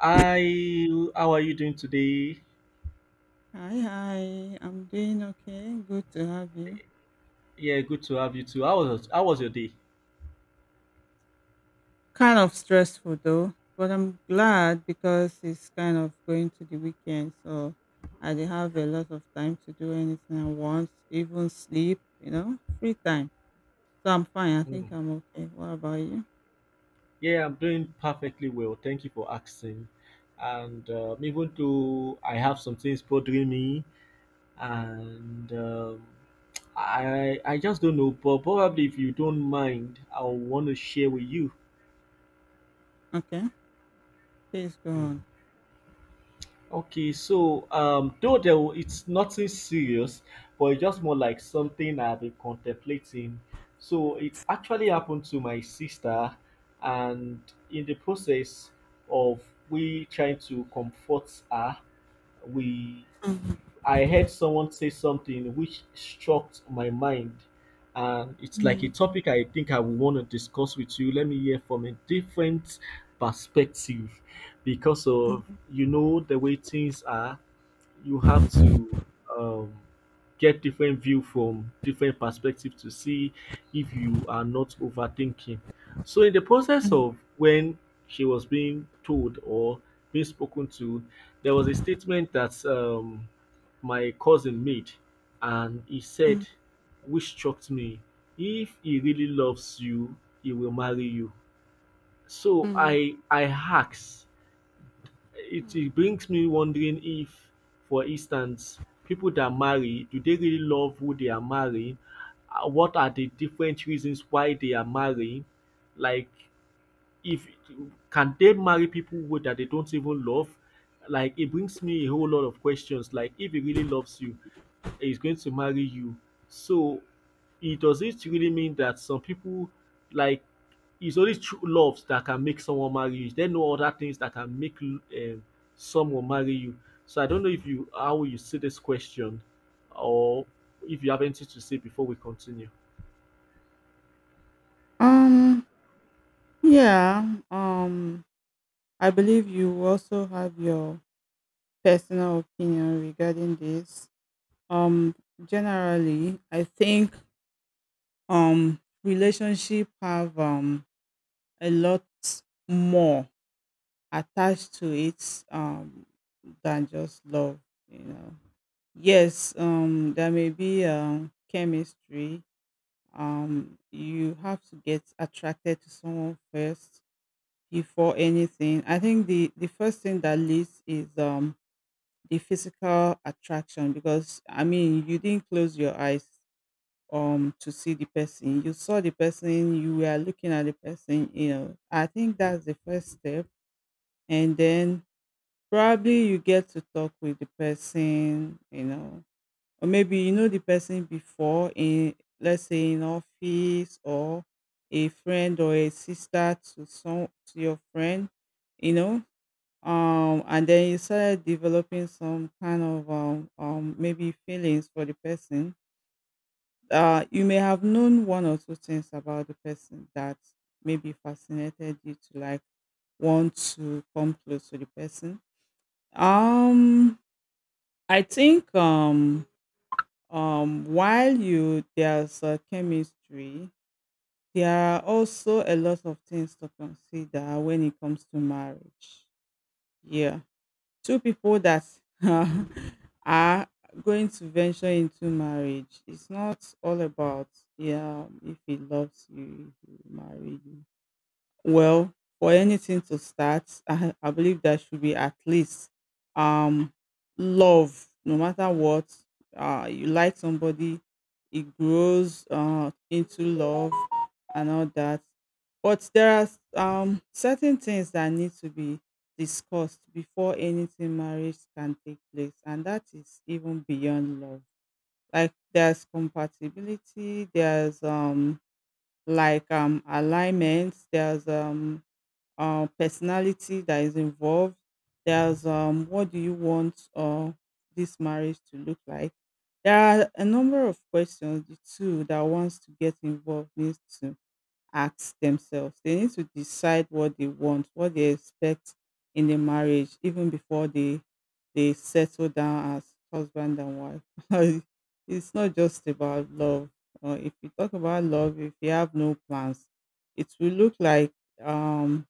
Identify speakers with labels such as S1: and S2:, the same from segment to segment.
S1: Hi, how are you doing today?
S2: Hi, hi. I'm doing okay. Good to have you.
S1: Yeah, good to have you too. How was your day?
S2: Kind of stressful though, but I'm glad because it's kind of going to the weekend, so I dey have a lot of time to do anything I want, even sleep, free time. So I'm fine. I
S1: Mm.
S2: think I'm okay. What about you?
S1: Yeah, I'm doing perfectly well. Thank you for asking. And even though I have some things bothering me, and I just don't know. But probably if you don't mind, I want to share with you.
S2: Okay. Please go on.
S1: Okay, so, though it's nothing serious, but it's just more like something I've been contemplating. So it actually happened to my sister, and in the process of we trying to comfort her, we
S2: Mm,
S1: I heard someone say something which struck my mind, and it's like a
S2: mm,
S1: topic I think I would want to discuss with you. Let me hear from a different perspective because of the way things are, you have to um, get different view from different perspective to see if you are not overthinking. So in the process
S2: mm,
S1: of when she was being told or being spoken to, there was a statement that my cousin made, and he
S2: mm,
S1: said, which shocked me, if he really loves you, he will marry you. So
S2: mm.
S1: I asked It brings me wondering if, for instance, people that marry, do they really love who they are marrying? What are the different reasons why they are marrying? Like, if can they marry people who that they don't even love? Like, it brings me a whole lot of questions. Like, if he really loves you, is going to marry you. So it does it really mean that some people, like, it's only true love that can make someone marry you. There are no other things that can make someone marry you. So I don't know if you how you see this question, or if you have anything to say before we continue.
S2: Um, yeah, um, I believe you also have your personal opinion regarding this. um Generally, I think relationship have a lot more attached to it than just love you know yes, there may be chemistry. You have to get attracted to someone first before anything. I think the first thing that leads is the physical attraction, because I mean, you didn't close your eyes to see the person, you saw the person, you were looking at the person, I think that's the first step. And then probably you get to talk with the person. Or maybe you know the person before, in, let's say, in office, or a friend, or a sister to some to your friend you know and then you started developing some kind of maybe feelings for the person. You may have known one or two things about the person that maybe fascinated you to like want to come close to the person. Um, I think, while you there's a chemistry, there are also a lot of things to consider when it comes to marriage. Yeah, two people that are going to venture into marriage, it's not all about, yeah, if he loves you he will marry you. Well, for anything to start, I believe there should be at least um love. No matter what, you like somebody, it grows into love and all that. But there are certain things that need to be discussed before anything marriage can take place, and that is even beyond love. Like, there's compatibility, there's like alignment, there's personality that is involved. There's what do you want this marriage to look like? There are a number of questions the two that wants to get involved needs to ask themselves. They need to decide what they want, what they expect in the marriage, even before they settle down as husband and wife. It's not just about love. If you talk about love, if you have no plans, it will look like um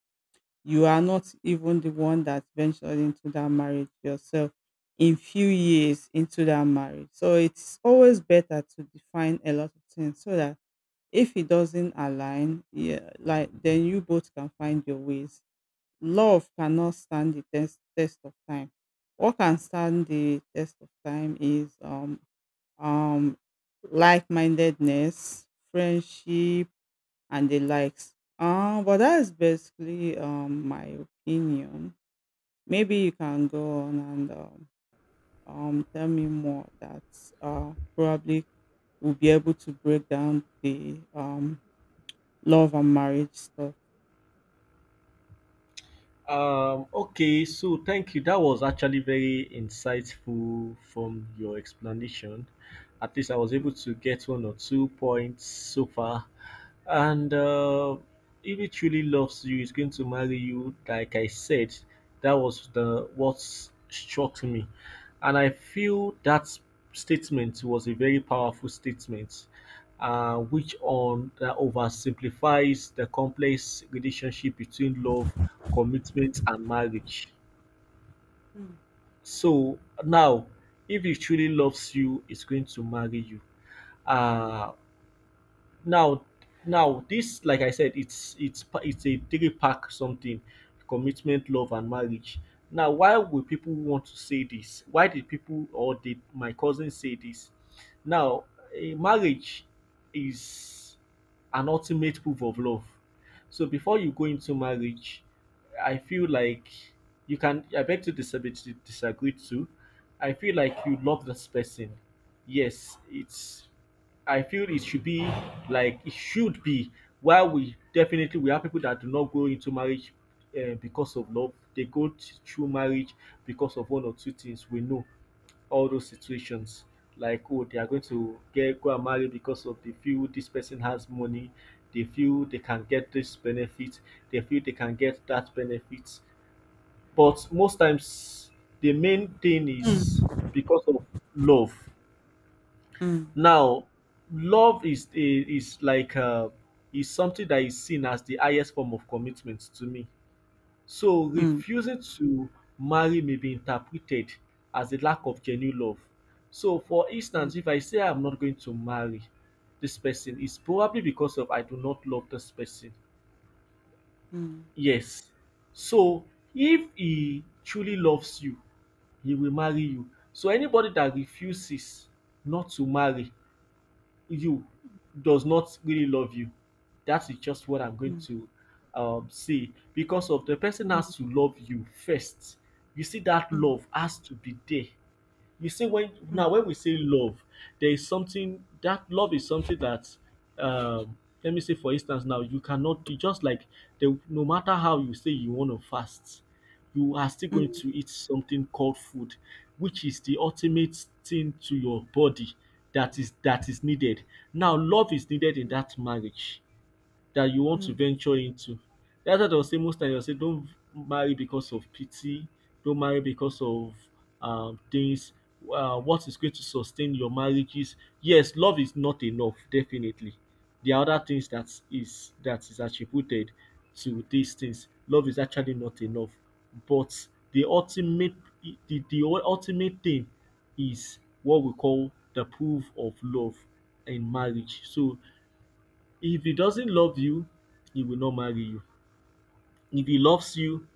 S2: you are not even the one that ventured into that marriage yourself in few years into that marriage. So it's always better to define a lot of things so that if it doesn't align, yeah, like then you both can find your ways. Love cannot stand the test of time. What can stand the test of time is um like-mindedness, friendship, and the likes. But that is basically my opinion. Maybe you can go on and tell me more. That probably will be able to break down the love and marriage stuff.
S1: Okay, so thank you. That was actually very insightful from your explanation. At least I was able to get one or two points so far. And if he truly loves you, he's going to marry you. Like I said, that was the what struck me, and I feel that statement was a very powerful statement which on that oversimplifies the complex relationship between love, commitment, and marriage.
S2: Mm.
S1: So now, if he truly loves you, he's going to marry you. Uh, Now, this, like I said, it's it's a three pack something: commitment, love, and marriage. Now, why would people want to say this? Why did people, or did my cousin, say this? Now, a marriage is an ultimate proof of love. So before you go into marriage, I feel like you can, I beg to disagree too. I feel like you love this person. Yes, it's, I feel it should be, like, it should be. While we definitely we have people that do not go into marriage because of love. They go through marriage because of one or two things. We know all those situations. Like, oh, they are going to get go and marry because of they feel this person has money, they feel they can get this benefit, they feel they can get that benefit. But most times the main thing is because of love.
S2: Mm.
S1: Now, love is a is like, is something that is seen as the highest form of commitment to me. So
S2: Mm.
S1: refusing to marry may be interpreted as a lack of genuine love. So for instance, if I say I'm not going to marry this person, it's probably because of I do not love this person.
S2: Mm.
S1: Yes. So if he truly loves you, he will marry you. So anybody that refuses not to marry you does not really love you. That is just what I'm going
S2: Mm.
S1: to say because of the person
S2: Mm.
S1: has to love you first. You see, that
S2: Mm. Mm.
S1: love has to be there. You see,
S2: Mm.
S1: when we say love, there is something that love is something that, um, let me say for instance now, you just like the no matter how you say you want to fast, you are still going to
S2: Mm.
S1: eat something called food, which is the ultimate thing to your body that is needed. Now, love is needed in that marriage that you want to
S2: Mm.
S1: venture into. That's why I will say most times I will say don't marry because of pity, don't marry because of things. What is going to sustain your marriages? Yes, love is not enough, definitely. There are other things that is attributed to these things. Love is actually not enough, but the ultimate, the ultimate thing is what we call the proof of love in marriage. So if he doesn't love you, he will not marry you. If he loves you,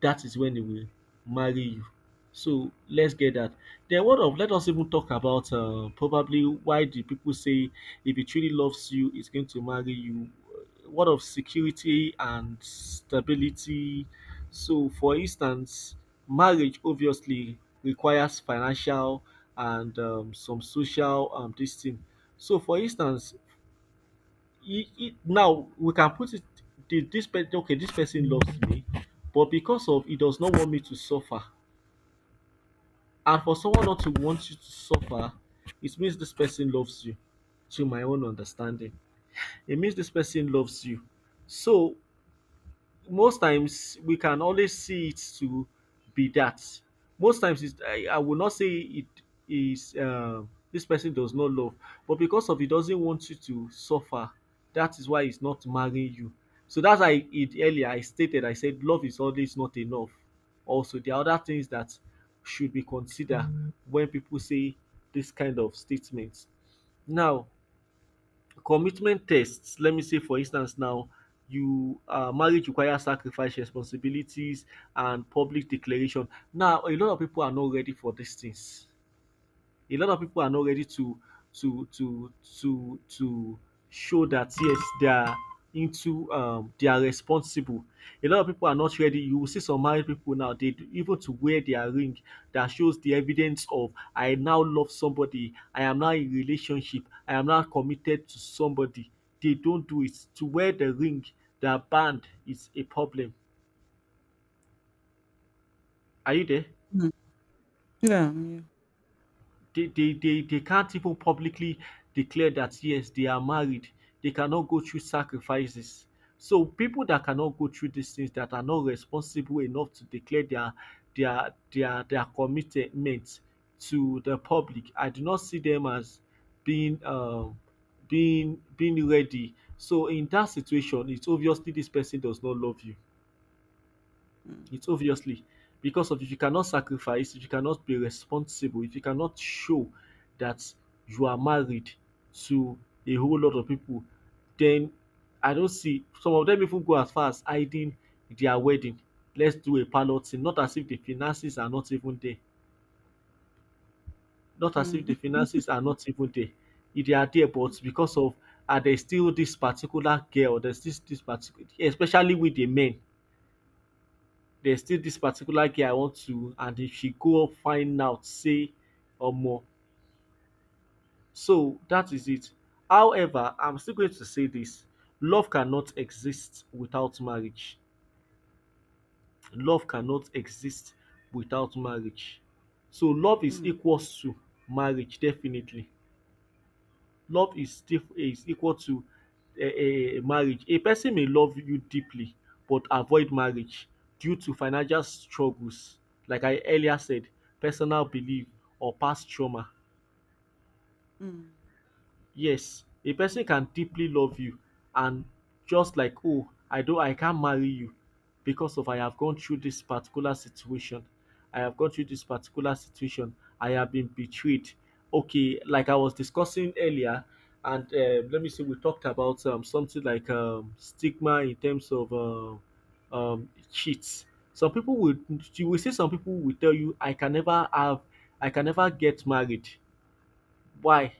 S1: that is when he will marry you. So let's get that. Then what of, let us even talk about, probably why do people say if he truly loves you, he's going to marry you? What of security and stability? So, for instance, marriage obviously requires financial and some social, this thing. So, for instance, it now we can put it, this person, okay, this person loves me, but because of he does not want me to suffer, and for someone not to want you to suffer, it means this person loves you. To my own understanding, it means this person loves you. So most times we can always see it to be that. Most times, I will not say it is, this person does not love, but because of he doesn't want you to suffer, that is why he's not marrying you. So that's why it earlier I stated, I said love is always not enough. Also, there are other things that should be considered when people say this kind of statements. Now, commitment tests, let me say for instance now, you marriage requires sacrifice, responsibilities, and public declaration. Now, a lot of people are not ready for these things. A lot of people are not ready to to to show that yes, they are into, they are responsible. A lot of people are not ready. You will see some married people now they even to wear their ring, that shows the evidence of I now love somebody, I am now in relationship, I am now committed to somebody. They don't do it, to wear the ring, their band, is a problem. Are you there?
S2: Mm. Mm. Yeah. Yeah.
S1: They can't even publicly declare that yes, they are married. They cannot go through sacrifices. So people that cannot go through these things, that are not responsible enough to declare their commitment to the public, I do not see them as being being ready. So in that situation, it's obviously this person does not love you.
S2: Mm.
S1: It's obviously because of if you cannot sacrifice, if you cannot be responsible, if you cannot show that you are married to a whole lot of people, then, I don't see, some of them even go as far as hiding their wedding. Let's do a pilot thing, not as if the finances are not even there, not as if
S2: Mm.
S1: the finances are not even there. If they are there, but because of, are there still this particular girl, there's this particular, especially with the men, there's still this particular girl I want to, and if she go up find out say, or more. So that is it. However, I'm still going to say this, love cannot exist without marriage. Love cannot exist without marriage. So love is
S2: Mm.
S1: equals to marriage, definitely. Love is is equal to a marriage. A person may love you deeply but avoid marriage due to financial struggles, like I earlier said, personal belief or past trauma.
S2: Mm.
S1: Yes, a person can deeply love you and just like, oh, I can't marry you because of I have gone through this particular situation. I have gone through this particular situation. I have been betrayed. Okay, like I was discussing earlier, and let me see, we talked about something like, stigma in terms of cheats. Some people would, you will see some people will tell you, I can never have, I can never get married. Why?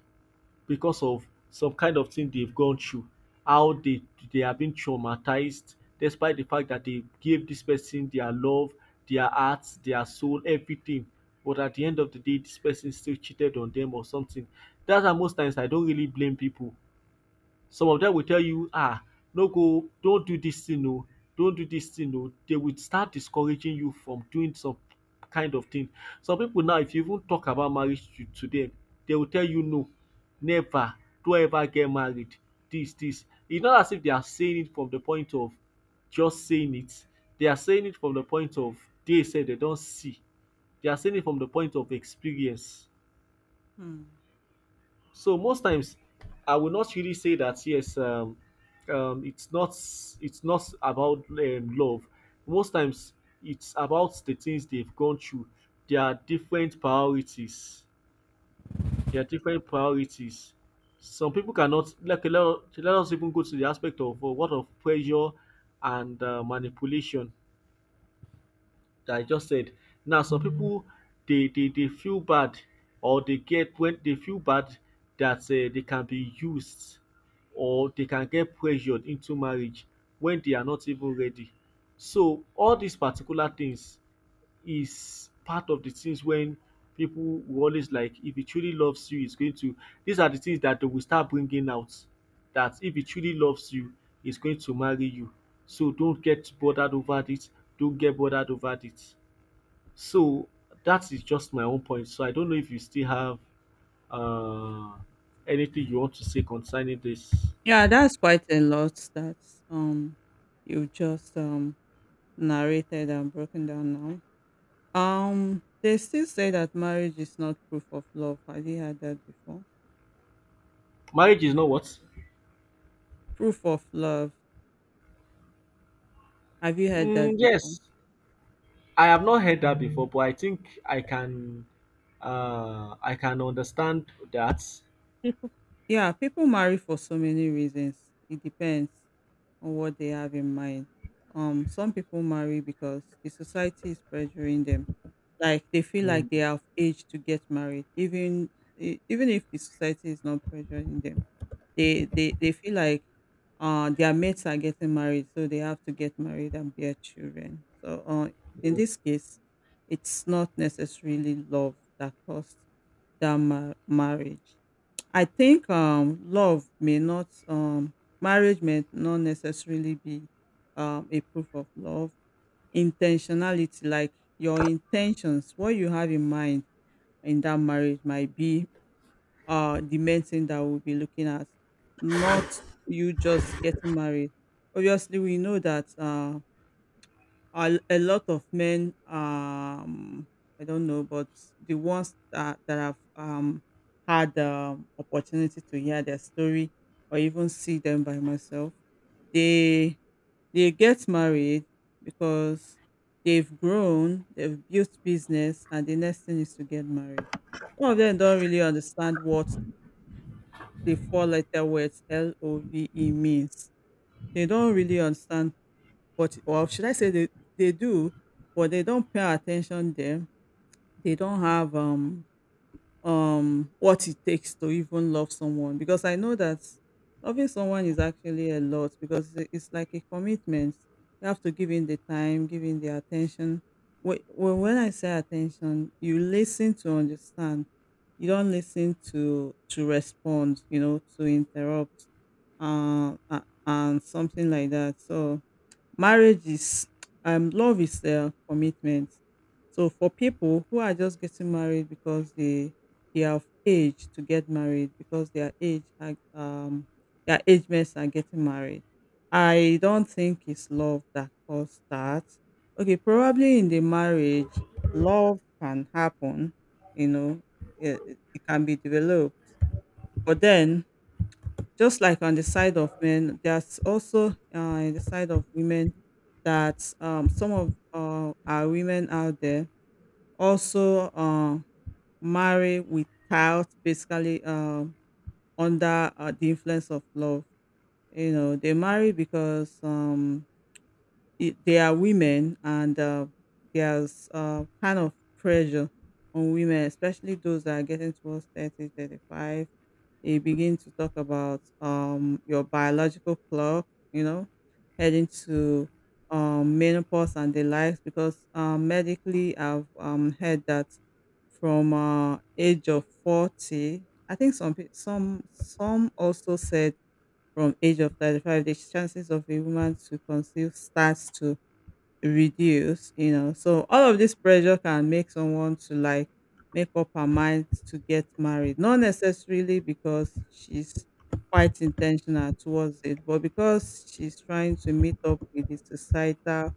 S1: Because of some kind of thing they've gone through, how they have been traumatized, despite the fact that they gave this person their love, their heart, their soul, everything. But at the end of the day, this person still cheated on them or something. That's why most times I don't really blame people. Some of them will tell you, ah, no, go, don't do this, thing oo, don't do this, thing oo. They will start discouraging you from doing some kind of thing. Some people now, if you even talk about marriage to dem, dey will tell you no, never, don't ever get married. This, this. It's not as if they are saying it from the point of just saying it, they are saying it from the point of they said they don't see, they are saying it from the point of experience.
S2: Mm.
S1: So most times, I will not really say that um, it's not it's not about love. Most times, it's about the things they've gone through. There are different priorities. There are different priorities. Some people cannot like let us even go to the aspect of what of pressure and manipulation that I just said. Now, some people they feel bad or they get when they feel bad that they can be used or they can get pressured into marriage when they are not even ready. So all these particular things is part of the things when people will always like if he truly loves you he's going to these are the things that they will start bringing out that if he truly loves you he's going to marry you, so don't get bothered over it. Don't get bothered over it. So that is just my own point. So I don't know if you still have uh, anything you want to say concerning this.
S2: Yeah, that's quite a lot. That um you just narrated and broken down now. They still say that marriage is not proof of love. Have you heard that before?
S1: Marriage is not what?
S2: Proof of love. Have you heard
S1: Mm,
S2: that before?
S1: yes, I have not heard that before, but I think I can understand that.
S2: People, yeah, people marry for so many reasons. It depends on what they have in mind. Some people marry because the society is pressuring them, like they feel like
S1: Mm,
S2: they are of age to get married, even even if the society is not pressuring them. They feel like their mates are getting married, so they have to get married and bear children. So in
S1: mm,
S2: this case it's not necessarily love that caused that marriage. I think love may not marriage may not necessarily be a proof of love. Intentionality, like, your intentions, what you have in mind in that marriage might be the main thing that we'll be looking at, not you just getting married. Obviously we know that a lot of men, I don't know, but the ones that have had the opportunity to hear their story or even see them by myself, they they get married because they've grown, they've built business, and the next thing is to get married. Some of them don't really understand what the four-letter words love means. They don't really understand what, or should I say, they do, but they don't pay attention there. They don't have what it takes to even love someone, because I know that loving someone is actually a lot, because it's like a commitment. You have to give in the time, give in the attention. When I say attention, you listen to understand, you don't listen to respond, to interrupt, and something like that. So Marriage is love is a commitment. So for people who are just getting married because they are of age to get married, because their age mates are getting married, I don't think it's love that caused that. Okay, probably in the marriage, love can happen. You know, it can be developed, but then, just like on the side of men, there's also, in the side of women, that some of our women out there also marry without basically, under, the influence of love. You know, they marry because they are women, and there's kind of pressure on women, especially those that are getting towards 30, 35. They begin to talk about your biological clock, you know, heading to menopause and the likes, because medically I've heard that from age of 40. I think some also said from age of 35 the chances of a woman to conceive starts to reduce, you know, so all of this pressure can make someone to like make up her mind to get married, not necessarily because she's quite intentional towards it, but because she's trying to meet up with the societal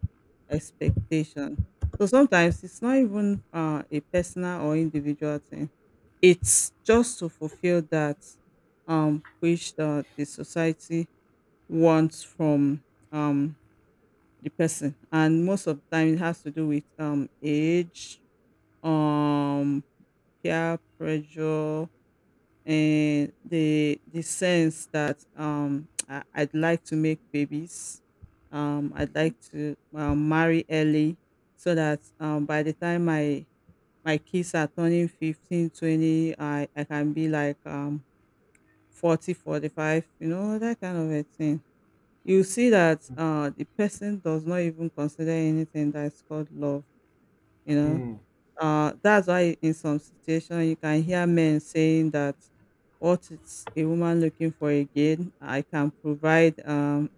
S2: expectation. So sometimes it's not even a personal or individual thing, it's just to fulfill that wish that the society wants from um the person. And most of the time it has to do with age, um peer pressure, and the sense that I'd like to make babies, I'd like to marry early, so that by the time my kids are turning 15, 20, I can be like 40, 45, you know, that kind of a thing. You see that
S1: mm,
S2: the person does not even consider anything that is called love. You know,
S1: mm.
S2: that's why in some situation you can hear men saying that, what is a woman looking for again? I can provide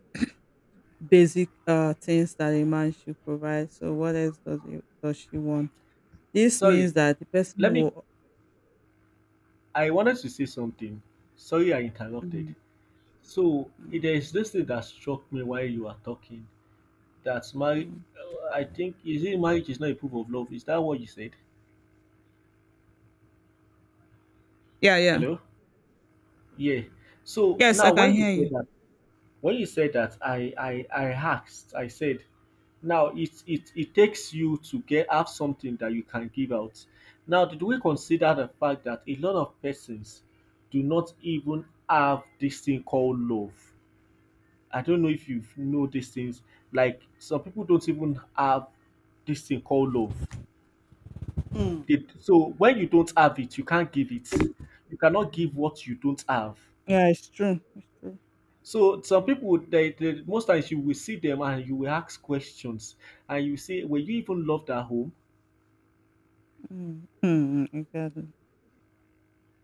S2: basic things that a man should provide. So what else does does she want? This means
S1: Sorry,
S2: that the person
S1: let me.
S2: will.
S1: I wanted to say something. Sorry, I interrupted.
S2: Mm,
S1: So
S2: mm,
S1: there is this thing that struck me while you were talking. That's my.
S2: mm.
S1: I think, is it marriage is not a proof of love? Is that what you said?
S2: Yeah, yeah.
S1: Hello? Yeah. So
S2: Yes, I
S1: now
S2: can
S1: when you
S2: hear
S1: said
S2: you.
S1: that, when you said that, I asked, I said now it takes you to get have something that you can give out. Now did we consider the fact that a lot of persons do not even have this thing called love? I don't know if you know these things. Like some people don't even have this thing called love.
S2: Mm.
S1: It so when you don't have it, you can't give it. You cannot give what you don't have.
S2: Yeah, it's true. It's true.
S1: So some people they most times you will see them and you will ask questions and you say, were you even loved at home?
S2: Mm, mm, exactly.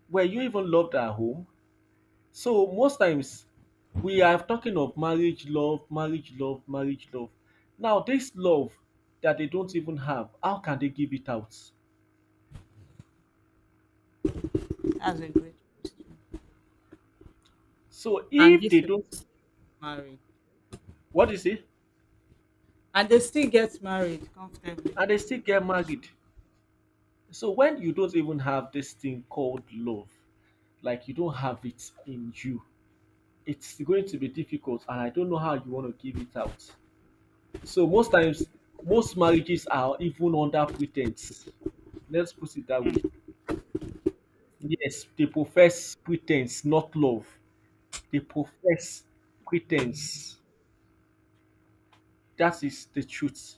S1: Were you even loved at home? So most times we are talking of marriage love, marriage love, marriage love. Now this love that they don't even have, how can they give it out?
S2: That's a great,
S1: So
S2: and
S1: if
S2: this
S1: they
S2: person
S1: don't,
S2: marry,
S1: what do you say?
S2: and they still get married comfortably.
S1: And they still get married. So when you don't even have this thing called love, like you don't have it in you, it's going to be difficult, and I don't know how you want to give it out. So most times, most marriages are even under pretense. Let's put it that way. Yes, they profess pretense, not love. They profess pretense. That is the truth.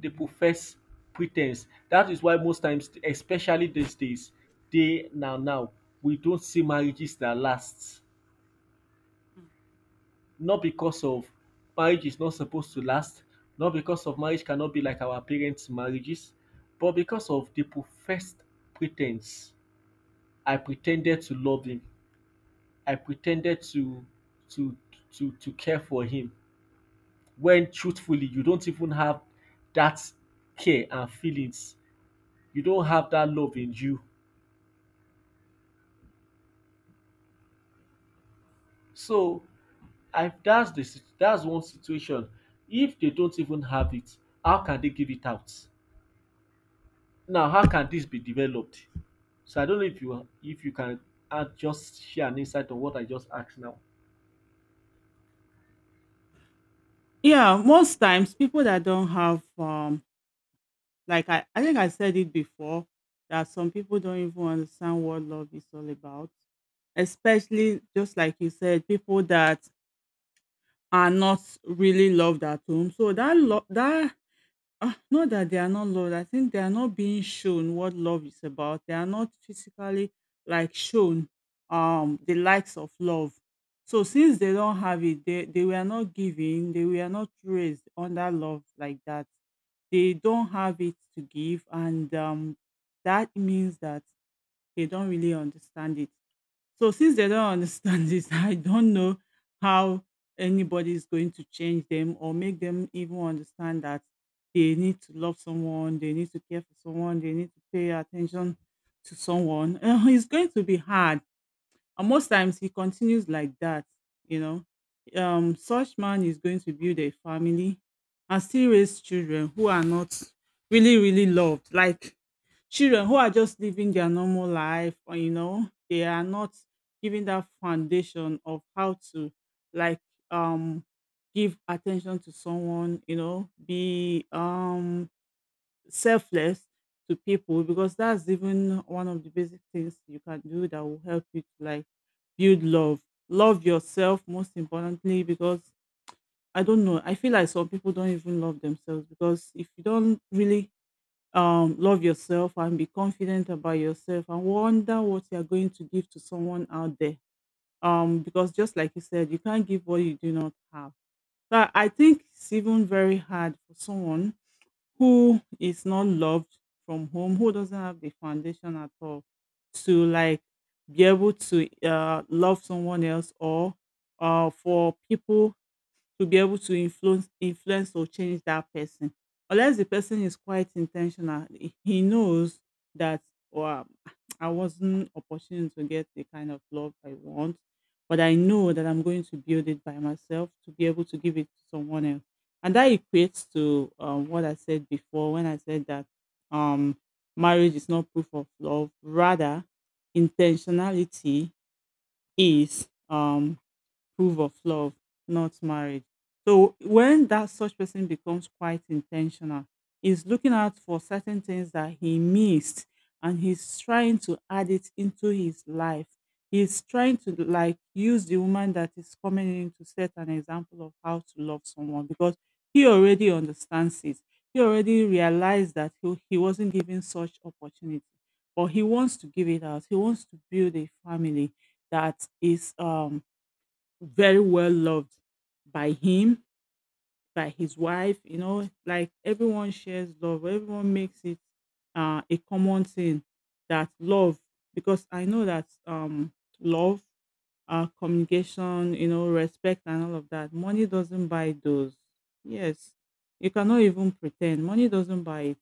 S1: They profess pretense. That is why most times, especially these days, they now now we don't see marriages that last.
S2: Mm.
S1: Not because of marriage is not supposed to last, not because of marriage cannot be like our parents' marriages, but because of the professed pretense. I pretended to love him. I pretended to to to care for him. When truthfully you don't even have that care and feelings, you don't have that love in you. So I that's the sit- that's one situation. If they don't even have it, how can they give it out? Now, how can this be developed? So I don't know if you can add, just share an insight on what I just asked now.
S2: Yeah, most times people that don't have, like, I think I said it before, that some people don't even understand what love is all about. Especially just like you said, people that are not really loved at home. So that love that... Ah, not that they are not loved. I think they are not being shown what love is about. They are not physically like shown the likes of love. So since they don't have it, they were not given, they were not raised under love like that. They don't have it to give, and that means that they don't really understand it. So since they don't understand this, I don't know how anybody is going to change them or make them even understand that they need to love someone, they need to care for someone, they need to pay attention to someone. It's going to be hard, and most times he continues like that, you know. Such man is going to build a family and still raise children who are not really, really loved. Like, children who are just living their normal life, or, you know, they are not giving that foundation of how to like um give attention to someone, you know, be selfless to people, because that's even one of the basic things you can do that will help you to like build love. Love yourself most importantly because I don't know. I feel like some people don't even love themselves because if you don't really love yourself and be confident about yourself and wonder what you're going to give to someone out there. Because just like you said, you can't give what you do not have. So I think it's even very hard for someone who is not loved from home, who doesn't have the foundation at all to like be able to love someone else or for people to be able to influence or change that person unless the person is quite intentional, he knows that, wow, I wasn't opportune to get the kind of love I want, but I know that I'm going to build it by myself to be able to give it to someone else. And that equates to what I said before when I said that um, marriage is not proof of love, rather intentionality is proof of love, not marriage. So when that such person becomes quite intentional, he's looking out for certain things that he missed and he's trying to add it into his life. He's trying to like use the woman that is coming in to set an example of how to love someone because he already understands it. He already realized that he wasn't given such opportunity, but he wants to give it out. He wants to build a family that is very well loved by him, by his wife, you know, like everyone shares love, everyone makes it a common thing that love, because I know that love, communication, you know, respect, and all of that, money doesn't buy those. Yes, you cannot even pretend money doesn't buy it.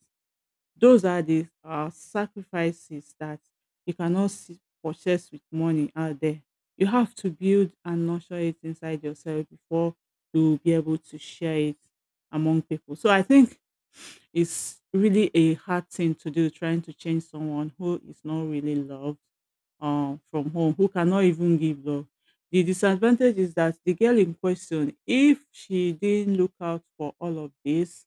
S2: Those are the sacrifices that you cannot see, purchase with money out there. You have to build and nurture it inside yourself before you will be able to share it among people. So I think it's really a hard thing to do, trying to change someone who is not really loved from home, who cannot even give love. The disadvantage is that the girl in question, if she didn't look out for all of this,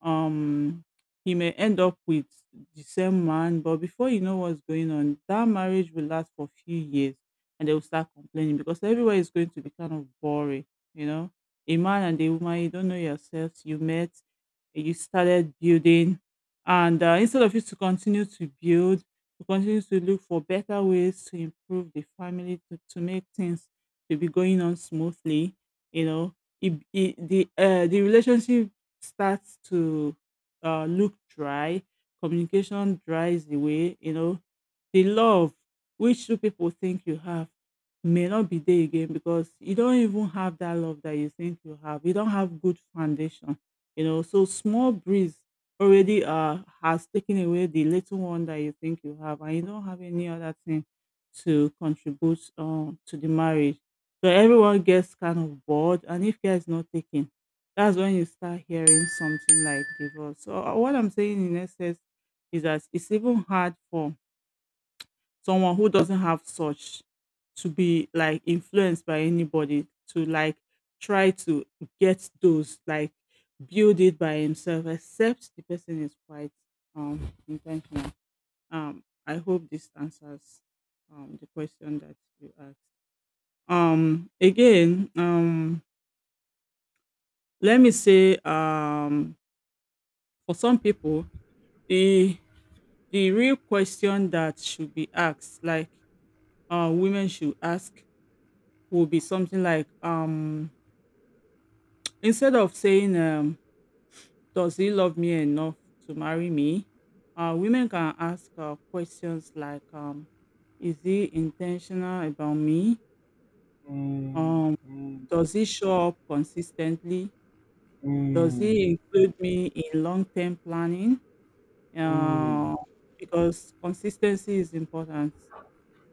S2: um, he may end up with the same man. But before you know what's going on, that marriage will last for a few years and they will start complaining because everywhere is going to be kind of boring, you know. A man and a woman, you don't know yourselves, you met, you started building, and instead of you to continue to build to continue to look for better ways to improve the family, to make things to be going on smoothly, you know, the relationship starts to look dry, communication dries away, you know, the love which two people think you have may not be there again because you don't even have that love that you think you have, you don't have good foundation, you know, so small breeze already has taken away the little one that you think you have, and you don't have any other thing to contribute to the marriage. So everyone gets kind of bored, and if care is not taken, that's when you start hearing something like divorce. So what I'm saying in essence is that it's even hard for someone who doesn't have such to be like influenced by anybody to like try to get those, like build it by himself, except the person is quite um intentional. I hope this answers the question that you asked. Again, let me say, for some people, the the real question that should be asked, like women should ask, will be something like, instead of saying, does he love me enough to marry me, women can ask questions like, is he intentional about me,
S1: Mm,
S2: um,
S1: mm,
S2: does he show up consistently, does
S1: mm,
S2: he include me in long-term planning,
S1: mm.
S2: uh, because consistency is important,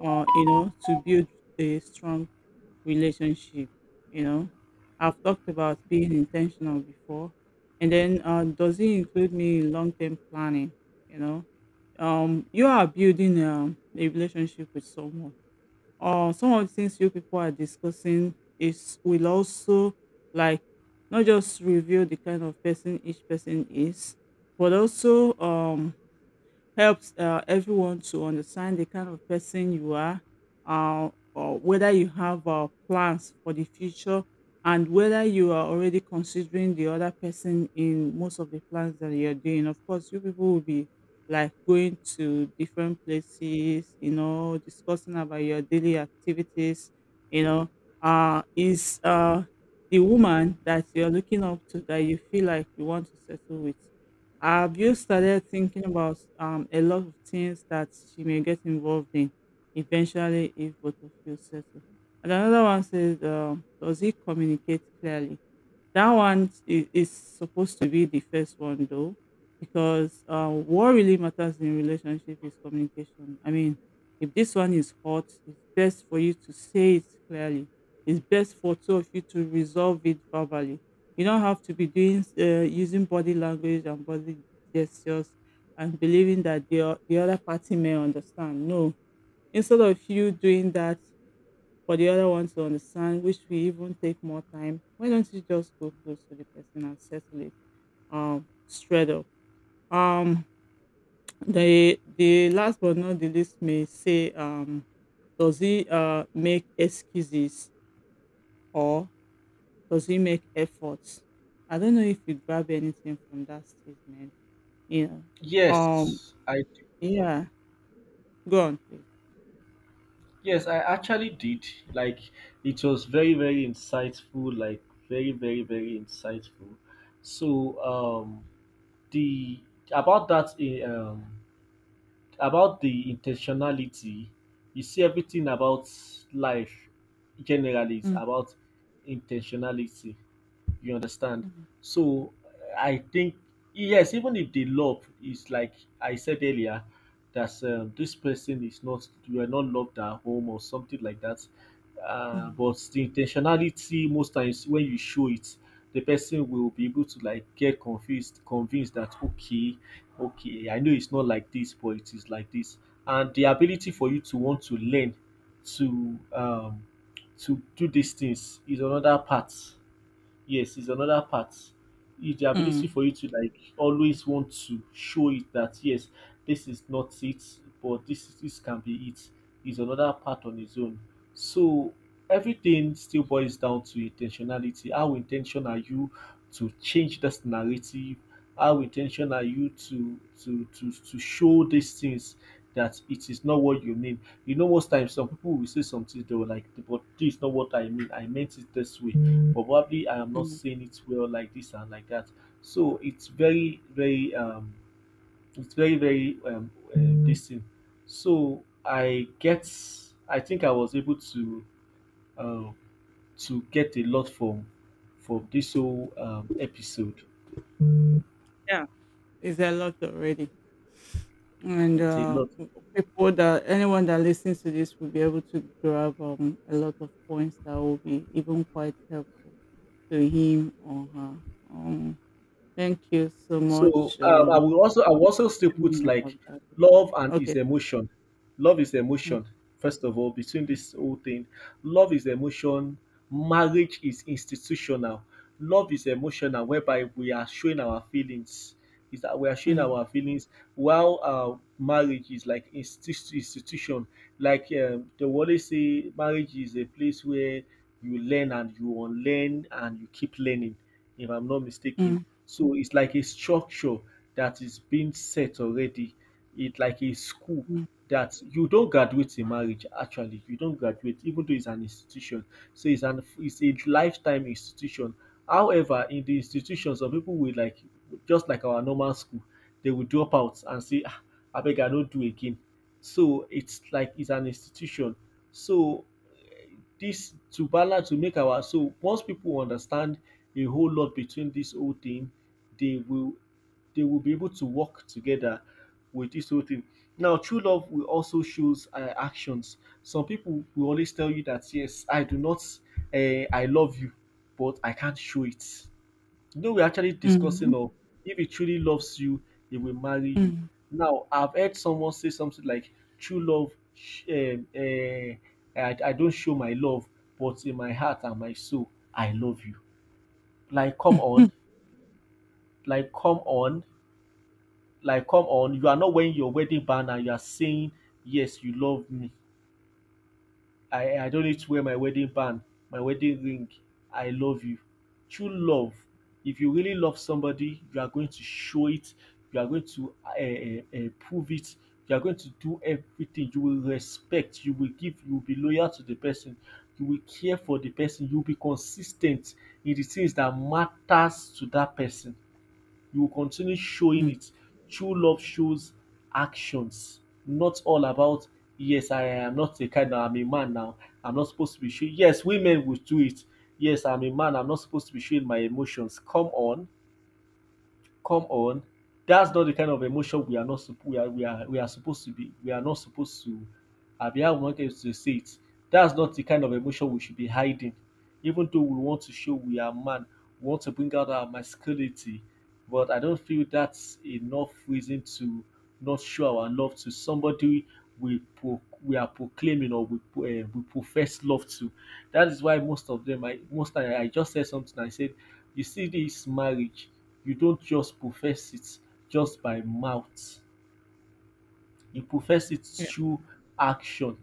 S2: you know, to build a strong relationship, you know. I've talked about being intentional before, and then does it include me long-term planning, you know. You are building a relationship with someone, or some of the things you people are discussing is will also like not just reveal the kind of person each person is, but also helps everyone to understand the kind of person you are, or whether you have plans for the future, and whether you are already considering the other person in most of the plans that you're doing. Of course, you people will be like going to different places, you know, discussing about your daily activities, you know, is the woman that you're looking up to, that you feel like you want to settle with, have you started thinking about a lot of things that she may get involved in eventually if both of you settle? And another one says, does he communicate clearly? That one is supposed to be the first one though, because what really matters in relationship is communication. I mean, if this one is hot, it's best for you to say it clearly. It's best for two of you to resolve it verbally. You don't have to be doing using body language and body gestures and believing that the other party may understand. No, instead of you doing that for the other one to understand, which will even take more time, why don't you just go close to the person and settle it straight up? Um, the last but not the least may say, does he make excuses or does he make efforts? I don't know if you grab anything from that statement. You know,
S1: Yes, I d-
S2: yeah. Go on, please.
S1: yes, I actually did. Like it was very, very insightful. Like very, very, very insightful. So um the about that uh, um, about the intentionality, you see everything about life generally is
S2: Mm,
S1: about intentionality. You understand?
S2: mm,
S1: So I think yes, even if the love is like I said earlier, that this person is not you are not loved at home or something like that.
S2: mm,
S1: But the intentionality most times when you show it, the person will be able to like convinced that okay, okay, I know it's not like this, but it is like this. And the ability for you to want to learn to um to do these things is another part. Yes, it's another part. It's the ability
S2: mm,
S1: for you to like always want to show it that yes, this is not it, but this can be it. Is another part on its own. So everything still boils down to intentionality. How intentional are you to change this narrative? How intentional are you to show these things that it is not what you mean? You know, most times some people will say something they were like, but this is not what I mean. I meant it this way, but probably I am not
S2: mm.
S1: saying it well like this and like that. So it's it's very, very this thing. So I get, I think I was able uh, to get a lot from this whole episode.
S2: Yeah, it's a lot already. And
S1: It's a lot.
S2: people that, anyone that listens to this will be able to grab a lot of points that will be even quite helpful to him or her. Um, thank you so
S1: So
S2: much.
S1: I will also still
S2: Telling
S1: put
S2: me about
S1: like
S2: that.
S1: love and
S2: Okay.
S1: is emotion. Love is
S2: Mm,
S1: emotion. First of all, between this whole thing, love is emotion. Marriage is institutional. Love is emotional, whereby we are showing our feelings. Is that we are showing
S2: mm,
S1: our feelings while marriage is like institution. Like they will always say, marriage is a place where you learn and you unlearn and you keep learning. If I'm not mistaken,
S2: mm,
S1: so it's like a structure that is being set already. It's like a school
S2: mm,
S1: that you don't graduate in marriage actually. You don't graduate even though it's an institution. So it's a lifetime institution. However, in the institution some people will like just like our normal school, they will drop out and say ah, abeg I no do again. So it's like it's an institution. So eh, this to balance to make our so once people understand a whole lot between this whole thing they will they will be able to work together with this whole thing. Now, true love will also shows actions. Some people will always tell you that yes, I do not, I love you, but I can't show it. You know, we're actually
S2: mm,
S1: discussing of if he truly loves you, he will marry you.
S2: mm,
S1: Now, I've heard someone say something like, "True love, I don't show my love, but in my heart and my soul, I love you." Like, come on, like, come on. Like, come on, you are not wearing your wedding band and you are saying, yes, you love me. I don't need to wear my wedding band, my wedding ring. I love you. True love. If you really love somebody, you are going to show it, you are going to prove it, you are going to do everything. You will respect, you will give, you will be loyal to the person, you will care for the person, you will be consistent in the things that matters to that person, you will continue
S2: mm.
S1: showing
S2: Mm.
S1: it. True love shows actions, not all about yes, I am not a kind now, I'm a man now. I'm not supposed to be showing. Yes, women will do it. Yes, I'm a man. I'm not supposed to be showing my emotions. Come on, come on, that's not the kind of emotion we are not sup- we are we are we are supposed to be we are not supposed to, I how we want to say it that's not the kind of emotion we should be hiding. Even though we want to show we are man, we want to bring out our masculinity, but I don't feel that's enough reason to not show our love to somebody we are proclaiming, or we profess love to. That is why most of them I just said something, I said you see this marriage, you don't just profess it just by mouth. You profess it
S2: Yeah.
S1: through action.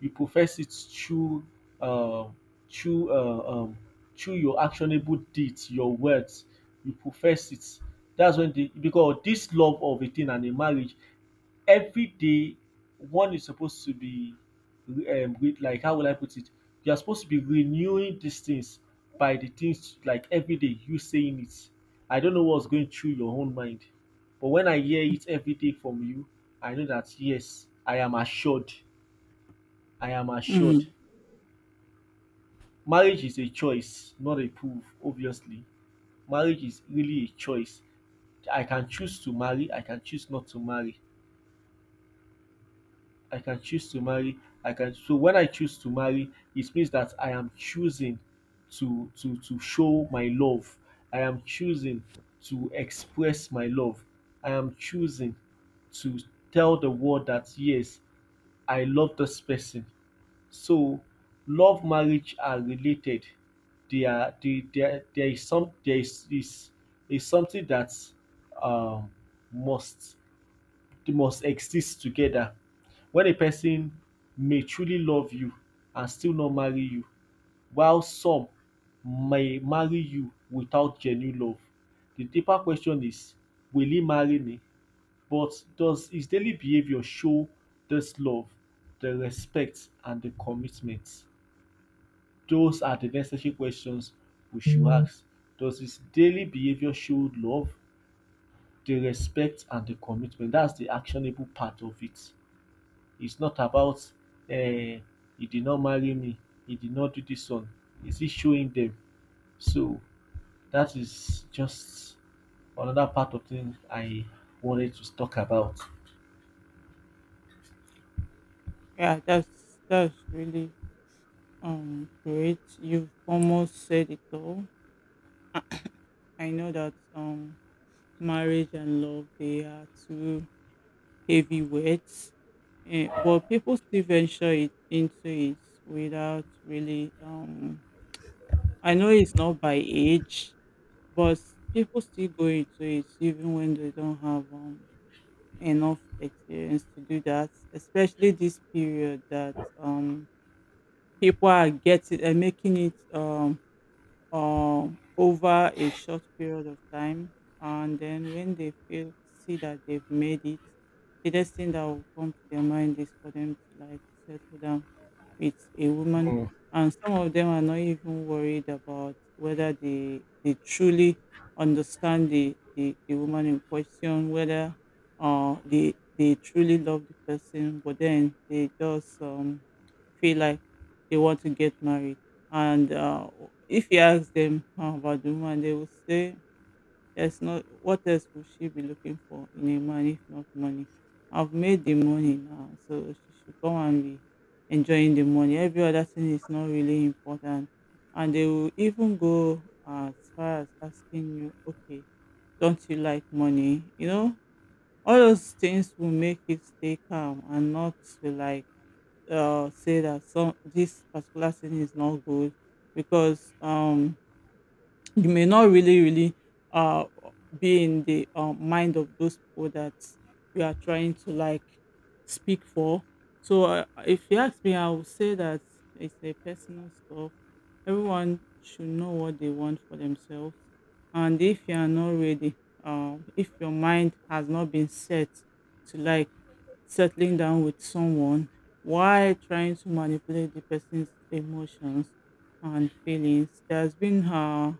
S1: You profess it through um through uh, um through your actionable deeds, your words. You profess it. That's when the because this love of a thing and a marriage every day one is supposed to be with like how will I put it? You are supposed to be renewing these things by the things like every day you saying it. I don't know what's going through your own mind, but when I hear it every day from you, I know that yes, I am assured. I am assured.
S2: Mm.
S1: Marriage is a choice, not a proof, obviously. Marriage is really a choice. I can choose to marry, I can choose not to marry. I can choose to marry. I can so when I choose to marry, it means that I am choosing to show my love. I am choosing to express my love. I am choosing to tell the world that yes, I love this person. So love marriage are related. They are they, there is is something that um must they must exist together. When a person may truly love you and still not marry you, while some may marry you without genuine love. The deeper question is, will he marry me? But does his daily behavior show this love, the respect, and the commitment? Those are the necessary questions we should ask. Does his daily behavior show love, the respect, and the commitment? That's the actionable part of it. It's not about, uh, he did not marry me, he did not do this one. Is it showing them? So that is just another part of things I wanted to talk about.
S2: Yeah. That's really great. You've almost said it all. I know that marriage and love, they are two heavyweight, eh, but people still venture it into it without really. I know it's not by age, but people still go into it even when they don't have enough experience to do that. Especially this period that people are getting and making it over a short period of time. And then when they feel see that they've made it, the next thing that will come to their mind is for them to like settle down with a woman.
S1: Mm.
S2: And some of them are not even worried about whether they truly understand the woman in question, whether they truly love the person, but then they just feel like they want to get married, and if you ask them about the woman, they will say, "There's not. What else would she be looking for in a man if not money? I've made the money now, so she should come and be enjoying the money. Every other thing is not really important." And they will even go as far as asking you, "Okay, don't you like money? You know, all those things will make you stay calm and not to like." Say that some this particular thing is not good, because you may not really uh be in the mind of those people that you are trying to like speak for. So if you ask me, I would say that it's a personal stuff. Everyone should know what they want for themselves, and if you are not ready, if your mind has not been set to like settling down with someone, why trying to manipulate the person's emotions and feelings? There's been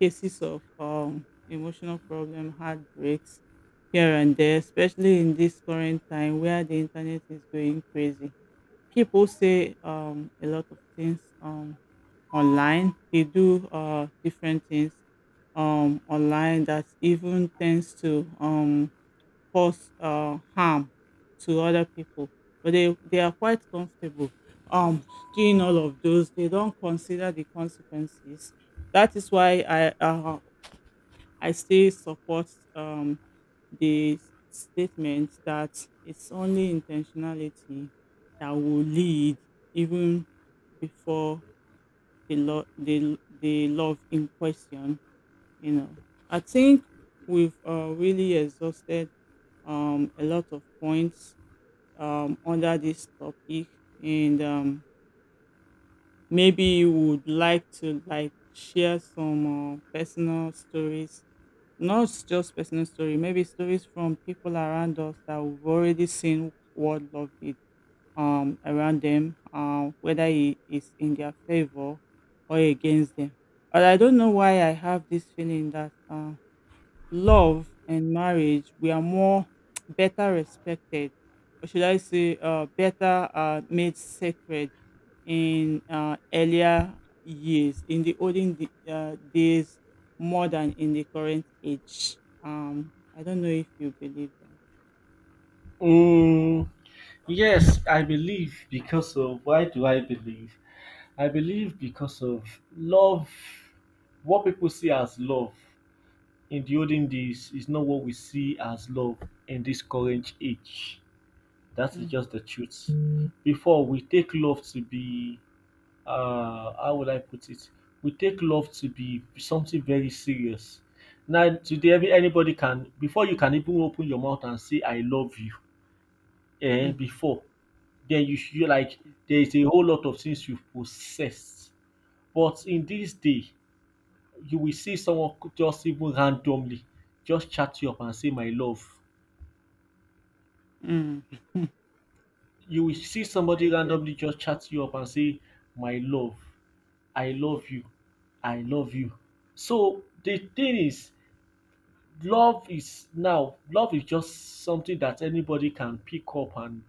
S2: cases of emotional problem, heartbreaks here and there, especially in this current time where the internet is going crazy. People say a lot of things online. They do different things online that even tends to cause harm to other people. But they are quite comfortable um, doing all of those. They don't consider the consequences. That is why I still support the statement that it's only intentionality that will lead, even before the love in question you know I think we've really exhausted a lot of points under this topic, and maybe you would like to like share some personal stories. Not just personal story, maybe stories from people around us that we've already seen what love did around them, whether it is in their favor or against them. But I don't know why I have this feeling that love and marriage we are more better respected, or should I say, better made sacred in earlier years, in the days, more than in the current age. I don't know if you believe that.
S1: Mm, yes, I believe because of why do I believe? I believe because of love. What people see as love in the olden days is not what we see as love in this current age. That is
S2: Mm,
S1: just the truth. Before we take love to be how would I put it? We take love to be something very serious. Now today every anybody can before you can even open your mouth and say I love you eh
S2: mm,
S1: before then you should like there is a whole lot of things you possess. But in this day you will see someone co- just even randomly just chat you up and say my love.
S2: mm,
S1: You will see
S2: I
S1: somebody
S2: guess.
S1: randomly just chat you up and say my love. I love you, I love you. So the thing is, love is now, love is just something that anybody can pick up and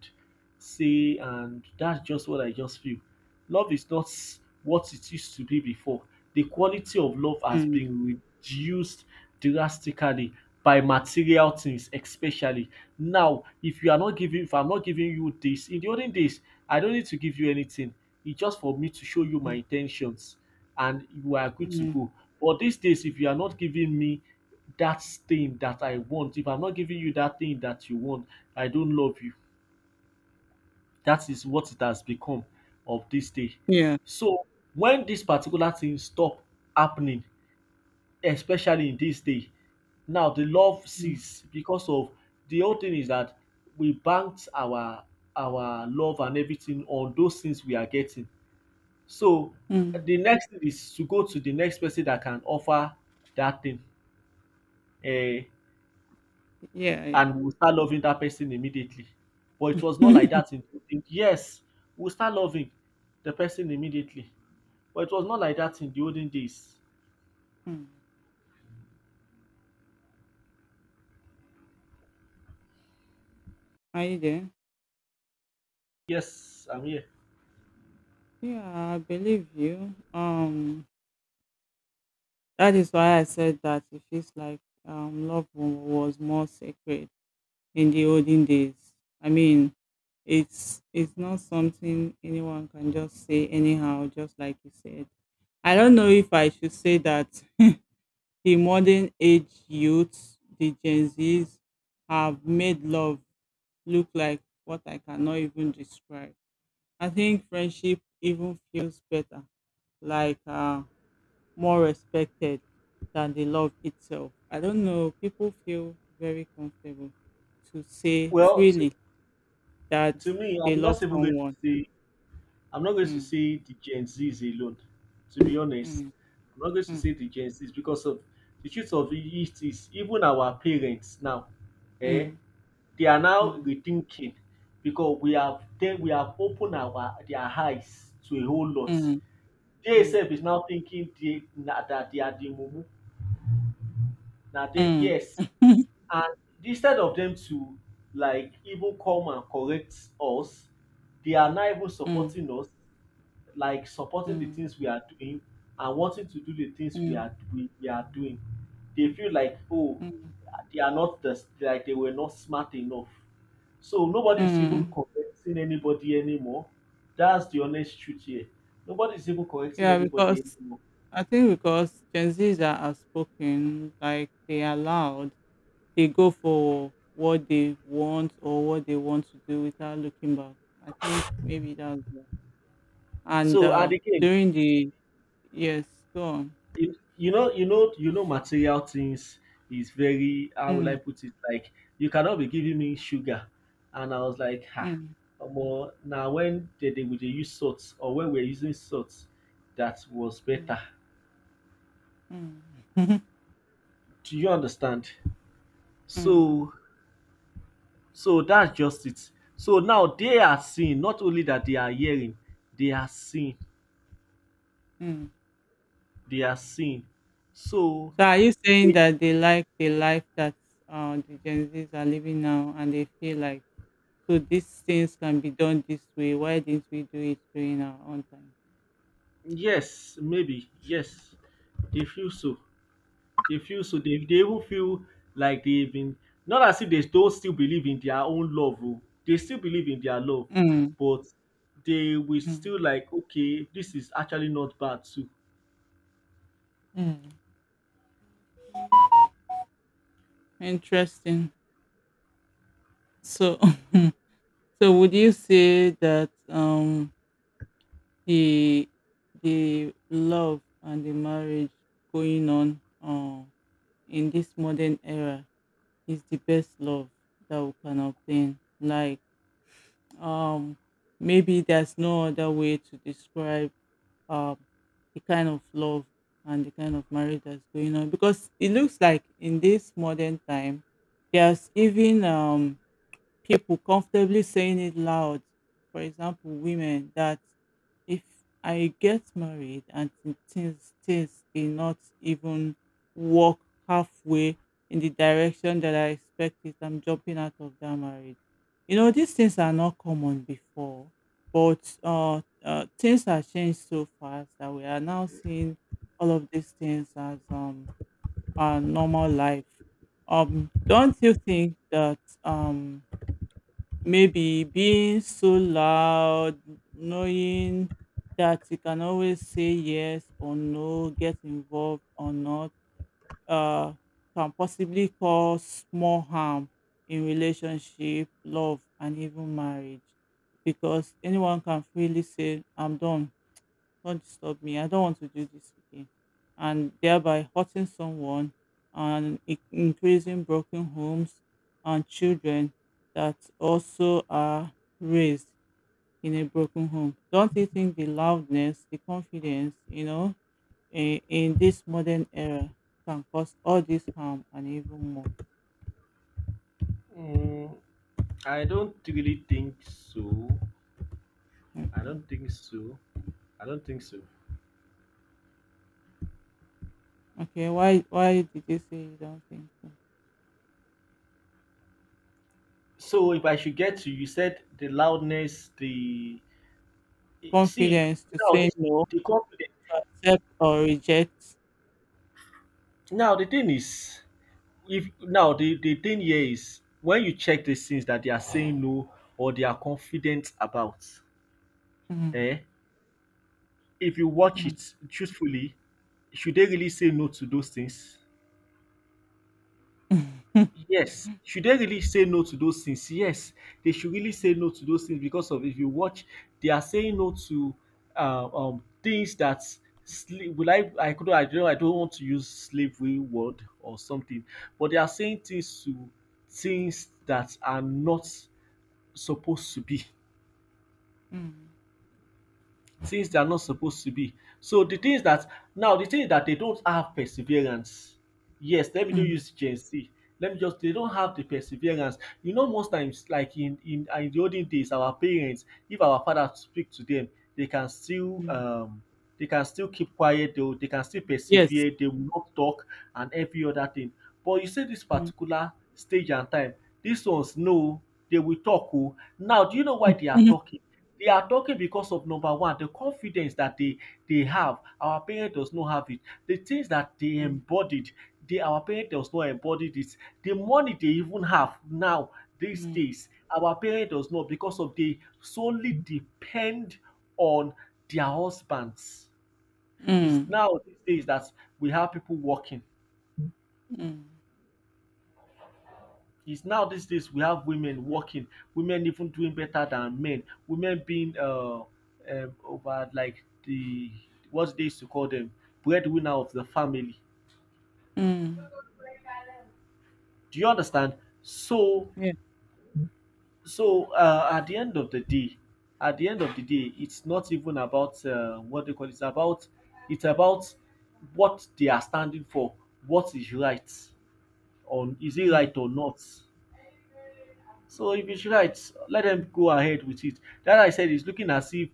S1: say, and that's just what I just feel. Love is not s- what it used to be before. The quality of love has
S2: Mm,
S1: been reduced drastically by material things, especially. Now, if you are not giving, if I'm not giving you this, in the olden days, I don't need to give you anything. It's just for me to show you my
S2: mm,
S1: intentions and you are good to
S2: mm.
S1: go. But these days, if you are not giving me that thing that I want, if I'm not giving you that thing that you want, I don't love you. That is what it has become of this day.
S2: Yeah.
S1: So when this particular thing stop happening, especially in this day, now the love
S2: Mm,
S1: cease because of the whole thing is that we banked our love and everything on those things we are getting so,
S2: mm.
S1: the next thing is to go to the next person that can offer that thing, eh,
S2: Yeah, yeah.
S1: and we'll start loving that person immediately. But it was not like that in the olden. Yes, we'll start loving the person immediately. But it was not like that in the olden days.
S2: Mm. Are you there?
S1: Yes, I'm here.
S2: Yeah, I believe you. That is why I said that it feels like, um, was more sacred in the olden days. I mean, it's not something anyone can just say anyhow, just like you said. I don't know if I should say that the modern age youths, the Gen Zs, have made love look like what I cannot even describe. I think friendship even feels better, like more respected than the love itself. I don't know. People feel very comfortable to say
S1: Well,
S2: freely that
S1: to me,
S2: they
S1: I'm
S2: love
S1: not even going to
S2: someone.
S1: say I'm not going to
S2: Mm,
S1: say the Gen Zs alone. To be honest,
S2: mm,
S1: I'm not going to
S2: mm,
S1: say the Gen Zs because of the truth of it is even our parents now, eh?
S2: mm,
S1: They are now
S2: mm,
S1: rethinking because we have then we have opened our their eyes to a whole lot.
S2: mm,
S1: They
S2: mm,
S1: self is now thinking they na, that they are the mumu. Now they
S2: mm,
S1: yes, and instead of them to like even come and correct us, they are now even
S2: mm,
S1: supporting us like supporting the
S2: mm,
S1: things we are doing and wanting to do the things we
S2: mm,
S1: are we, we are doing. They feel like oh
S2: mm,
S1: they are not the, like they were not smart enough. So nobody is even
S2: mm.
S1: correcting anybody anymore. That's the honest truth here. Nobody is even correcting
S2: Yeah,
S1: anybody
S2: because
S1: anymore.
S2: I think because Gen Zs are outspoken, like they are loud, they go for what they want or what they want to do without looking back. I think maybe that's why. And
S1: So and again,
S2: during the, yes, go on.
S1: you know material things is very how will I
S2: Mm,
S1: put it like you cannot be giving me sugar and I was like ha
S2: mm,
S1: omo now when they would dey use salt or when we're using salt that was
S2: mm,
S1: better
S2: mm,
S1: do you understand
S2: mm,
S1: so so that's just it so now they are seeing not only that they are hearing they are seeing
S2: mm.
S1: they are seeing so
S2: So are you saying
S1: they,
S2: that they like the life that, the Gen Zs are living now, and they feel like, so these things can be done this way? Why didn't we do it during our own time?
S1: yes maybe yes they feel so. They feel so they even feel like they've been not as if they don't still believe in their own love oh. They still believe in their love,
S2: Mm,
S1: but they will
S2: mm,
S1: still like okay, this is actually not bad too.
S2: mm. Interesting. So, so would you say that the the love and the marriage going on in this modern era is the best love that we can obtain? Like, Um, maybe there's no other way to describe um, the kind of love and the kind of marriage that's going on, because it looks like in this modern time, there's even, people comfortably saying it loud. For example, women that, if I get married and things did not even work halfway in the direction that I expected, I'm jumping out of that marriage. You know, these things are not common before, but things have changed so fast that we are now seeing all of these things as our normal life. Don't you think that maybe being so loud, knowing that you can always say yes or no, get involved or not, uh, can possibly cause more harm in relationship, love, and even marriage, because anyone can freely say, I'm done, don't disturb me. I don't want to do this again. And thereby hurting someone and increasing broken homes and children that also are raised in a broken home. Don't you think the loudness, the confidence, you know, in this modern era can cause all this harm and even more?
S1: Mm, I don't really think so. I
S2: Okay.
S1: don't think so. I don't think so.
S2: Okay. Why did you say you don't think so?
S1: So if I should get to you said the loudness, the see
S2: Confidence to
S1: now
S2: say
S1: this
S2: no,
S1: the confidence.
S2: to accept or reject.
S1: Now the thing is If now the thing here is when you check these things that they are saying no or they are confident about,
S2: Mm,
S1: eh, if you watch
S2: mm.
S1: it truthfully, should they really say no to those things? Yes. Should they really say no to those things? Yes. They should really say no to those things because of if you watch, they are saying no to things that sleep. Will I could I don't want to use slavery word or something, but they are saying things to things that are not supposed to be,
S2: Mm,
S1: things they are not supposed to be. So the things that now the thing is that they don't have perseverance. Yes, let me do
S2: mm,
S1: use Gen Z. Let me just they don't have the perseverance. You know, most times, like in the olden days, our parents, if our father speak to them, they can still
S2: mm.
S1: um they can still keep quiet, they, will- they can still
S2: Yes.
S1: persevere, they will not talk and every other thing. But you see this
S2: Mm,
S1: particular stage and time, these ones no, they will talk. Oh. Now, do you know why they are
S2: mhm,
S1: talking? They are talking because of number one, the confidence that they have. Our parent does not have it. The things that they
S2: mm,
S1: embodied, they our parent does not embody this. The money they even have now these
S2: mm,
S1: days, our parent does not because of they solely depend on their husbands. It's
S2: mm,
S1: now these days that we have people working.
S2: mm,
S1: Is now these days we have women working, women even doing better than men, women being over like the what they used to call them breadwinner of the family.
S2: mm,
S1: Do you understand? So,
S2: yeah,
S1: so at the end of the day, at the end of the day, it's not even about what they call it. It's about it's about what they are standing for, what is right, on is it
S2: mm,
S1: right or not. So if it's right, let them go ahead with it. That I said is looking as if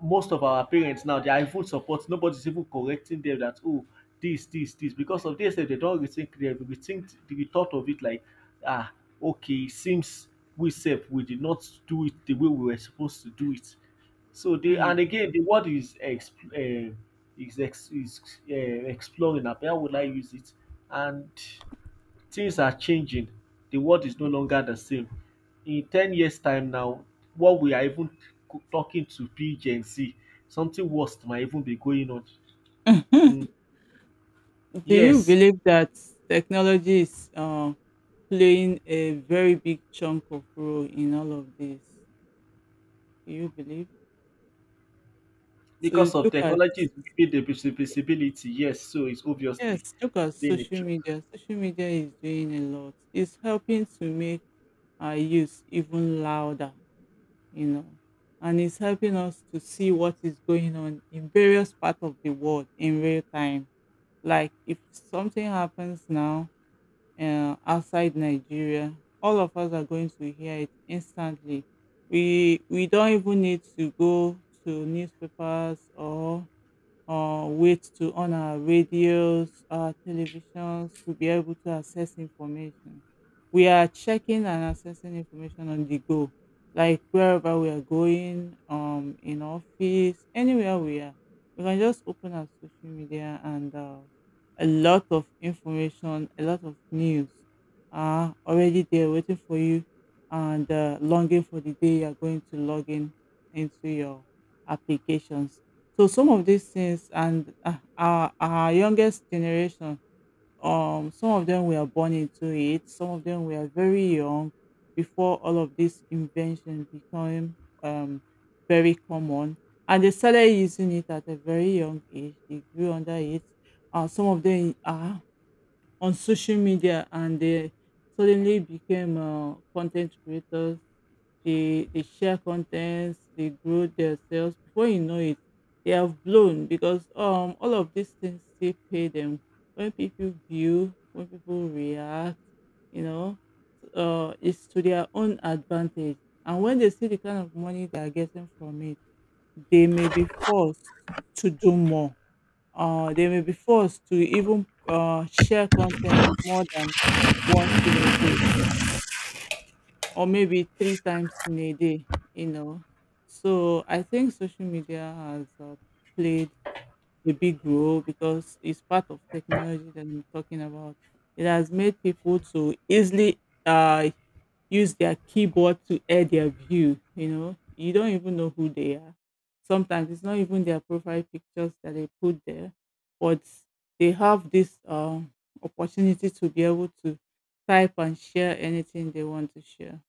S1: most of our parents now their iPhone support, nobody's even correcting them that oh this, this, this. Because of this, sef, they don't rethink they rethink the thought of it like ah okay, it seems we said we did not do it the way we were supposed to do it. So they
S2: mm.
S1: and again the word is is ex- is uh, exploring. Na, how would I use it? And things are changing, the world is no longer the same. In 10 years time now, what we are even co- talking to be Gen Z, something worse might even be going on. Mm,
S2: Do you
S1: yes,
S2: believe that technology is, playing a very big chunk of role in all of this? Do you believe? So
S1: because of
S2: look at,
S1: technology is giving the visibility, yes, so it's obviously
S2: yes, look at
S1: been a
S2: social
S1: joke.
S2: media. Social media is doing a lot. It's helping to make our youth even louder, you know, and it's helping us to see what is going on in various parts of the world in real time. Like if something happens now outside Nigeria, all of us are going to hear it instantly. We don't even need to go to newspapers or wait to on our radios, our televisions to be able to access information. We are checking and accessing information on the go, like wherever we are going, in office, anywhere we are. We can just open our social media, and a lot of information, a lot of news are already there waiting for you, and longing for the day you are going to log in into your applications. So some of these things, and uh, our youngest generation, some of them were born into it. Some of them were very young before all of this invention became um very common, and they started using it at a very young age. They grew under it. Some of them are on social media, and they suddenly became content creators. They share contents, they grow themselves. Before you know it, they have blown, because all of these things still pay them. When people view, when people react, you know, it's to their own advantage. And when they see the kind of money they are getting from it, they may be forced to do more, they may be forced to even share contents more than once in a day, or maybe three times in a day, you know. So I think social media has played a big role, because it's part of technology that I'm talking about. It has made people to easily uh, use their keyboard to air their view, you know. You don't even know who they are. Sometimes it's not even their profile pictures that they put there, but they have this, opportunity to be able to type and share anything they want to share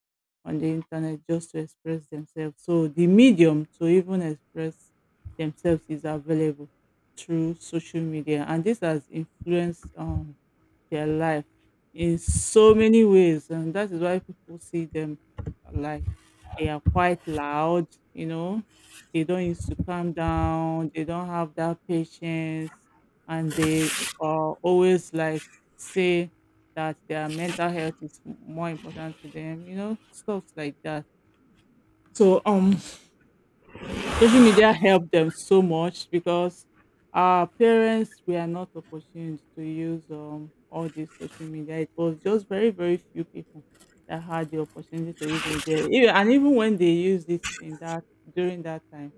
S2: on the internet just to express themselves. So the medium to even express themselves is available through social media, and this has influenced their life in so many ways, and that is why people see them like they are quite loud, you know. They don't used to calm down, they don't have that patience, and they are always like, say that their mental health is more important to them, you know, stuff like that. So social media helped them so much, because our parents were not opportuned to use, all this social media. It was just very, very few people that had the opportunity to use it there. Even- And even when they used this in that during that time,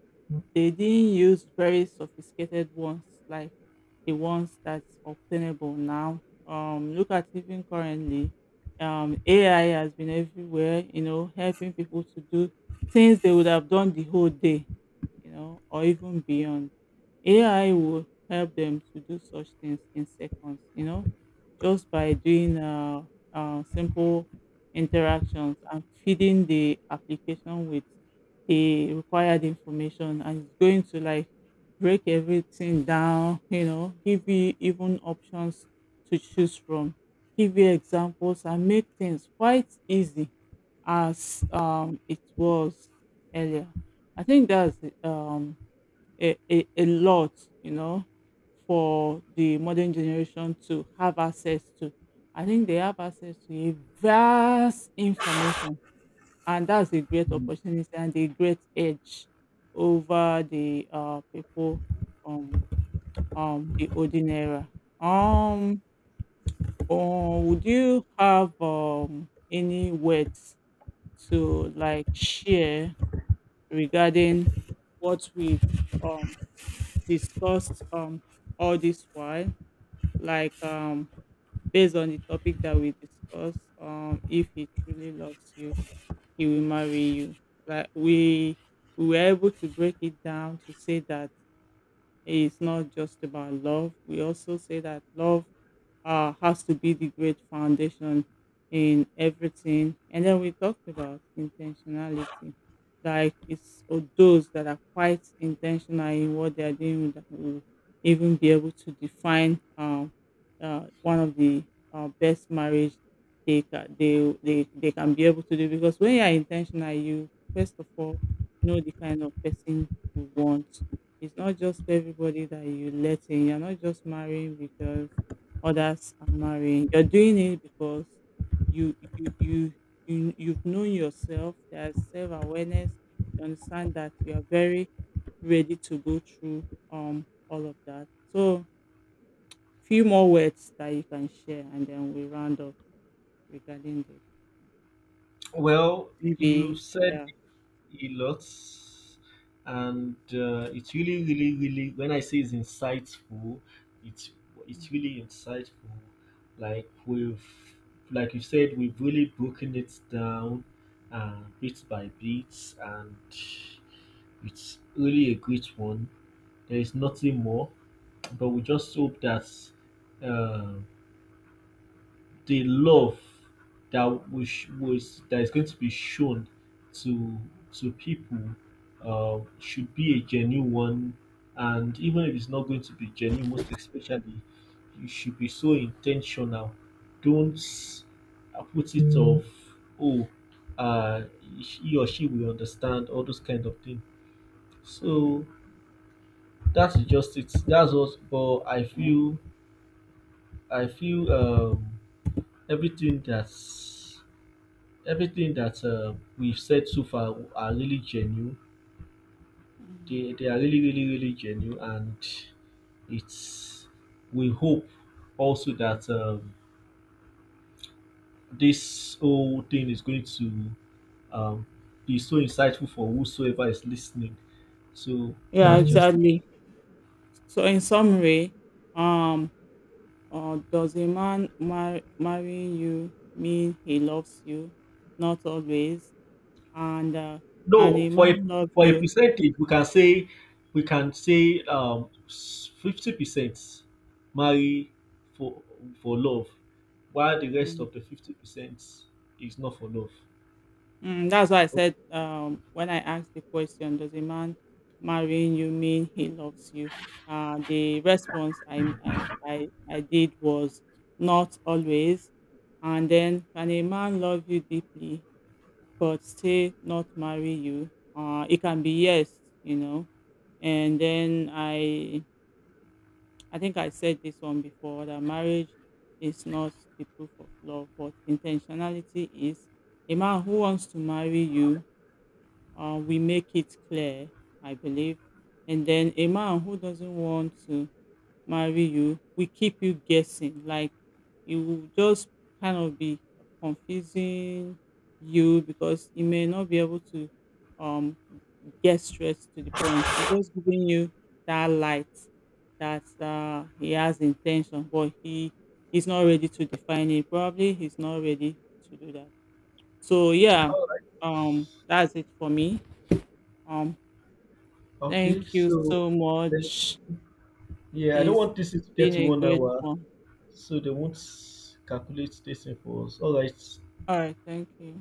S2: they didn't use very sophisticated ones like the ones that's obtainable now. Look at even currently, AI has been everywhere, you know, helping people to do things they would have done the whole day, you know, or even beyond. AI will help them to do such things in seconds, you know, just by doing simple interactions and feeding the application with the required information. And it's going to like break everything down, you know, give you even options to choose from, give you examples, and make things quite easy as, it was earlier. I think that's the, a, a lot, you know, for the modern generation to have access to. I think they have access to a vast information, and that's a great opportunity and a great edge over the people from, the olden era. Um, would you have any words to like share regarding what we've, um, discussed all this while, like based on the topic that we discussed, if he truly loves you, he will marry you. Like we were able to break it down to say that it's not just about love. We also say that love has to be the great foundation in everything. And then we talked about intentionality. Like it's or those that are quite intentional in what they are doing that will even be able to define one of the best marriage they, ca- they can be able to do, because when you are intentional, you first of all know the kind of person you want. It's not just everybody that you let in. You're not just marrying because others are marrying. You're doing it because you you you, you've known yourself. There's self awareness. You understand that you are very ready to go through all of that. So few more words that you can share, and then we round up regarding this.
S1: Well, you
S2: Maybe
S1: said
S2: yeah.
S1: a lot and it's really when I say it's insightful it's it's
S2: Mm,
S1: really insightful like we've like you said we've really broken it down bit by bit and it's really a great one there is nothing more but we just hope that uh, the love that was that is going to be shown to to people should be a genuine one, and even if it's not going to be genuine, most especially, you should be so intentional. Don't put it off. Oh, uh, he or she will understand all those kind of things.
S2: mm,
S1: So that's just it. That's what. But I feel I feel everything that's everything that we've said so far are really genuine.
S2: mm.
S1: They are really genuine, and it's we hope also that this whole thing is going to um, be so insightful for whosoever is listening. So
S2: Yeah,
S1: that's Mm. just
S2: exactly. So in summary, um or does a marrying you mean he loves you? Not always. And can
S1: No,
S2: a man love
S1: for a
S2: you?
S1: percentage, we can say 50% marry for for love, while the rest
S2: Mm.
S1: of the 50% is not for love.
S2: Mm, that's why I
S1: Okay.
S2: said, when I asked the question, does a man marrying you mean he loves you? The response I did was not always. And then, can a man love you deeply, but still not marry you? It can be yes, you know. And then I think I said this one before, that marriage is not the proof of love, but intentionality is. A man who wants to marry you, we make it clear, I believe. And then a man who doesn't want to marry you, we keep you guessing. Like it will just kind of be confusing you, because you may not be able to um get straight to the point. It's just giving you that light that he has intention, but he's not ready to define it. Probably he's not ready to do that. So yeah,
S1: All right.
S2: that's it for me. Um,
S1: Okay.
S2: thank you
S1: So
S2: so
S1: thank you.
S2: much.
S1: Yeah, I don't
S2: It's
S1: want this to get
S2: been
S1: to
S2: a
S1: one
S2: great
S1: hour,
S2: one.
S1: so they won't calculate this thing for us. All right.
S2: All right, thank you.